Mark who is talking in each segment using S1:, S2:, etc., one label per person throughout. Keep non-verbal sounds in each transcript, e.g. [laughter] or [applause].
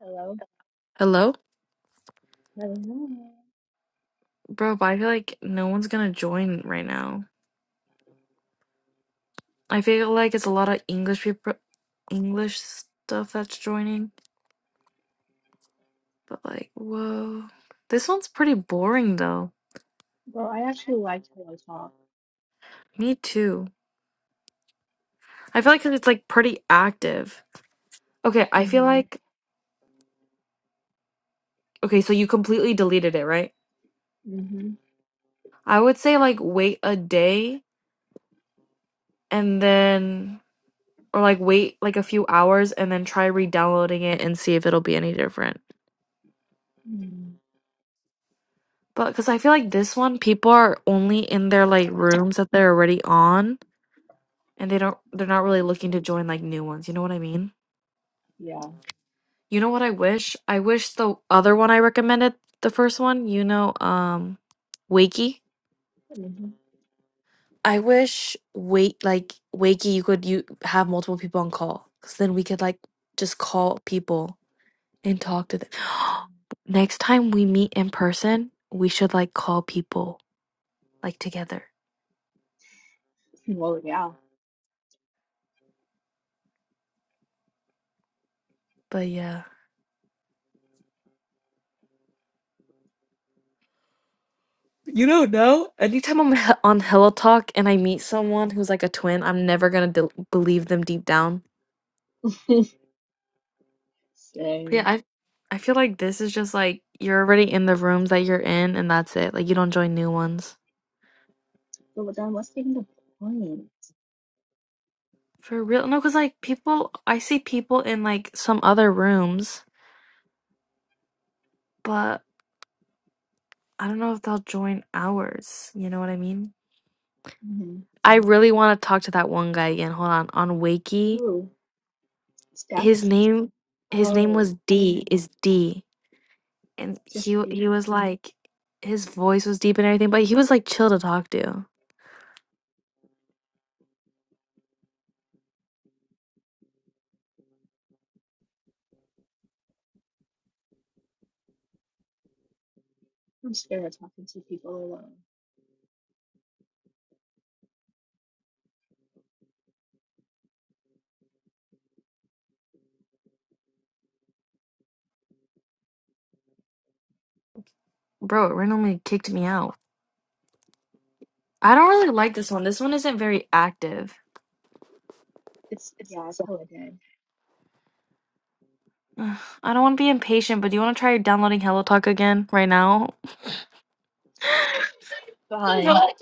S1: Hello.
S2: Hello?
S1: Hello.
S2: Bro, but I feel like no one's gonna join right now. I feel like it's a lot of English people, English stuff that's joining, but like, whoa. This one's pretty boring though.
S1: Well, I actually liked Hello Talk.
S2: Me too. I feel like 'cause it's like pretty active. Okay, I feel
S1: Mm-hmm.
S2: like, okay, so you completely deleted it, right?
S1: Mm-hmm.
S2: I would say like wait a day and then, or like wait like a few hours and then try re-downloading it and see if it'll be any different.
S1: hmm
S2: But because I feel like this one, people are only in their like rooms that they're already on, and they don't they're not really looking to join like new ones. You know what I mean?
S1: Yeah.
S2: You know what I wish? I wish the other one I recommended, the first one, you know, um, Wakey.
S1: Mm-hmm.
S2: I wish wait like Wakey, you could you have multiple people on call, because then we could like just call people and talk to them. [gasps]
S1: [laughs]
S2: Next time we meet in person, we should like call people like together.
S1: Well, yeah.
S2: But yeah. You don't know? Anytime I'm he- on Hello Talk and I meet someone who's like a twin, I'm never gonna del believe them deep down.
S1: [laughs]
S2: But yeah,
S1: Same.
S2: I I feel like this is just like you're already in the rooms that you're in, and that's it. Like you don't join new ones
S1: So but then what's taking the point?
S2: for real. No, because like people, I see people in like some other rooms, but I don't know if they'll join ours. You know what I mean?
S1: Mm-hmm.
S2: I really want to talk to that one guy again. Hold on, on Wakey,
S1: Who? Steph?
S2: his name, his name was
S1: Oh,
S2: D. Is D. And
S1: just
S2: he
S1: you.
S2: he was like, his voice was deep and everything, but he was like chill to talk to.
S1: I'm scared of talking to people alone.
S2: Bro, it randomly kicked me out. I don't really like this one. This one isn't very active.
S1: It's, yeah, it's hella dead.
S2: [sighs] Ugh, I don't want to be impatient, but do you want to try downloading HelloTalk again right now? [laughs]
S1: Bye.
S2: What?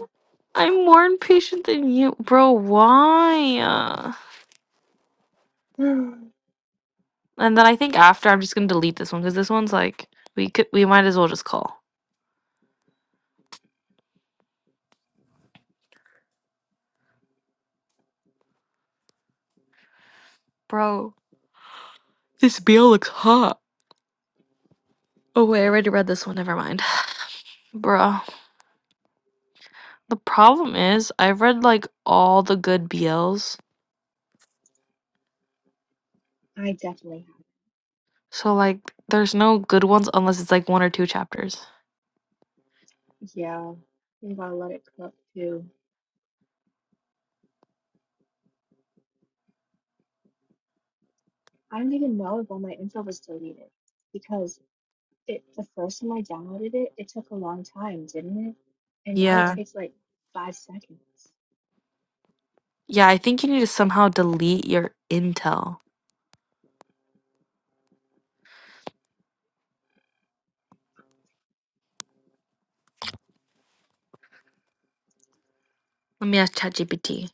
S2: I'm more impatient than you, bro. Why? Uh, And then I think after I'm just gonna delete this one because this one's like we could we might as well just call, bro. This bill looks hot. Oh wait, I already read this one. Never mind, [sighs] bro. The problem is I've read, like, all the good BLs,
S1: [gasps] [sighs] I definitely
S2: so, like, there's no good ones unless it's, like, 1 or 2 chapters.
S1: have. Yeah. You gotta let it cook too. I don't even know if all my info was deleted because It the first time I downloaded it, it took a long time, didn't it? And now it
S2: Yeah.
S1: takes like five seconds.
S2: Yeah, I think you need to somehow delete your intel. Let me ask ChatGPT.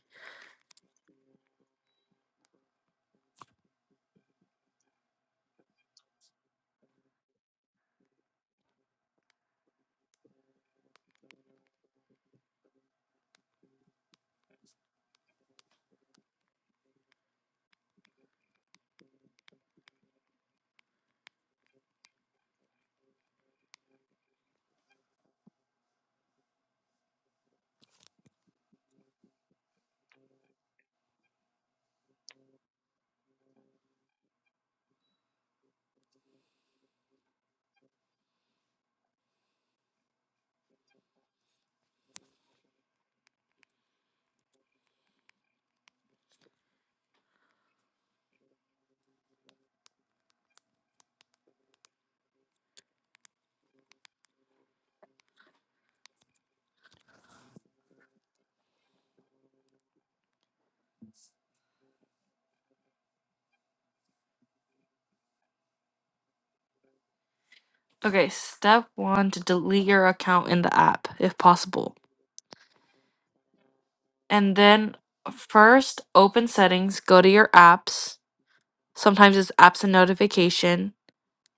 S2: Okay, step 1 to delete your account in the app if possible. And then first open settings, go to your apps. Sometimes it's apps and notification.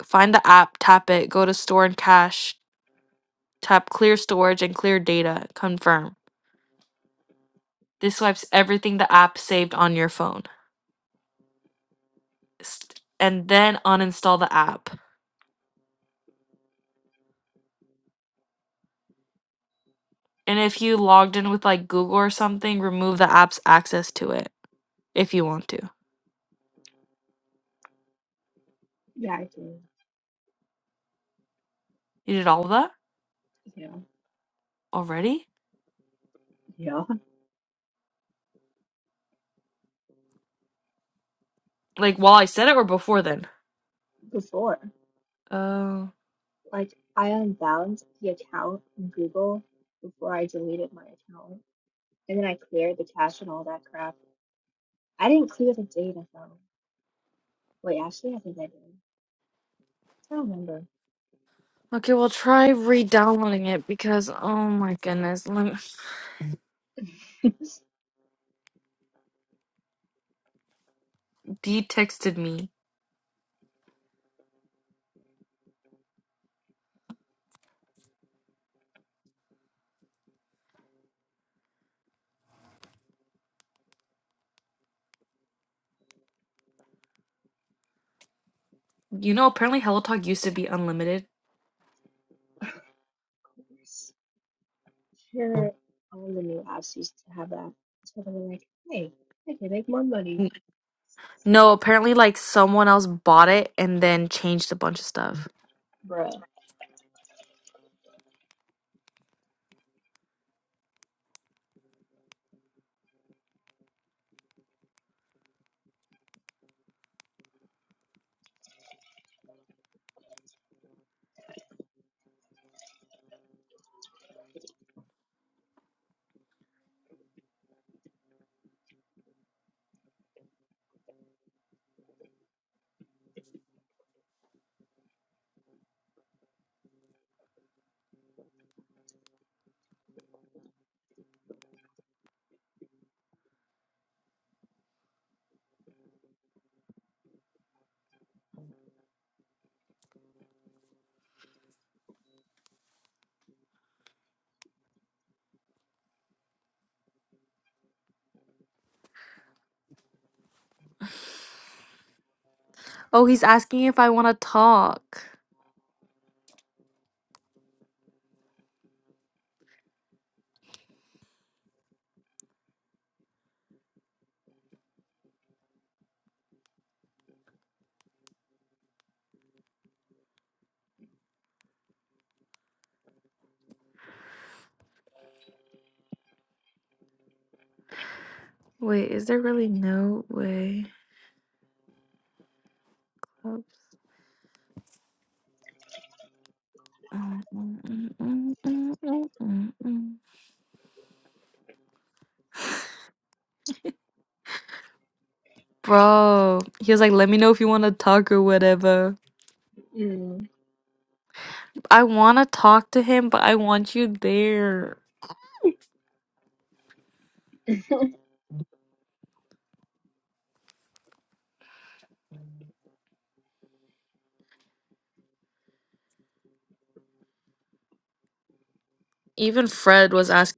S2: Find the app, tap it, go to store and cache, tap clear storage and clear data, confirm. This wipes everything the app saved on your phone. S- And then uninstall the app. And if you logged in with like Google or something, remove the app's access to it if you want to.
S1: Yeah, I do.
S2: You did all of that
S1: You know,
S2: already?
S1: yeah,
S2: Like while I said it or before then?
S1: [laughs] before.
S2: Oh.
S1: Like I unbalanced the account in Google before I deleted my account, and then I cleared the cache and all that crap. I didn't clear the data though. Wait, actually, I think I did. I don't remember.
S2: okay, well try re-downloading it because oh my goodness. Lem-
S1: [laughs] of
S2: D texted me. You know, apparently HelloTalk used to be unlimited.
S1: course, sure, all the new apps used to have that. So they were like, "Hey, I can make more money,
S2: N- No, apparently like someone else bought it and then changed a bunch of stuff.
S1: bruh."
S2: Oh, he's asking if I want to talk. Wait, is there really no way? Oops. Mm, mm, mm, mm, mm, mm, mm, mm. Bro, he was like, let me know if you want to talk or whatever.
S1: Mm.
S2: I want to talk to him, but I want you there.
S1: [laughs]
S2: Even Fred was asking.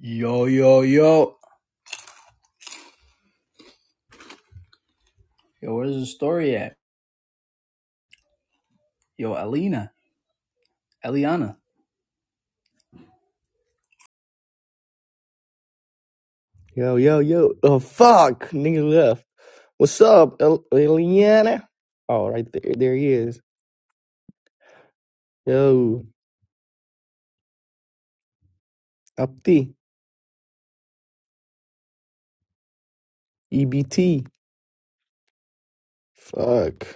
S3: Yo, yo, yo. Yo, where's the story at? Yo, Alina. Eliana.
S4: Yo, yo, yo. Oh, fuck. Nigga left. What's up, El- Eliana? Oh, right there. There he is. Yo, up the EBT. Fuck.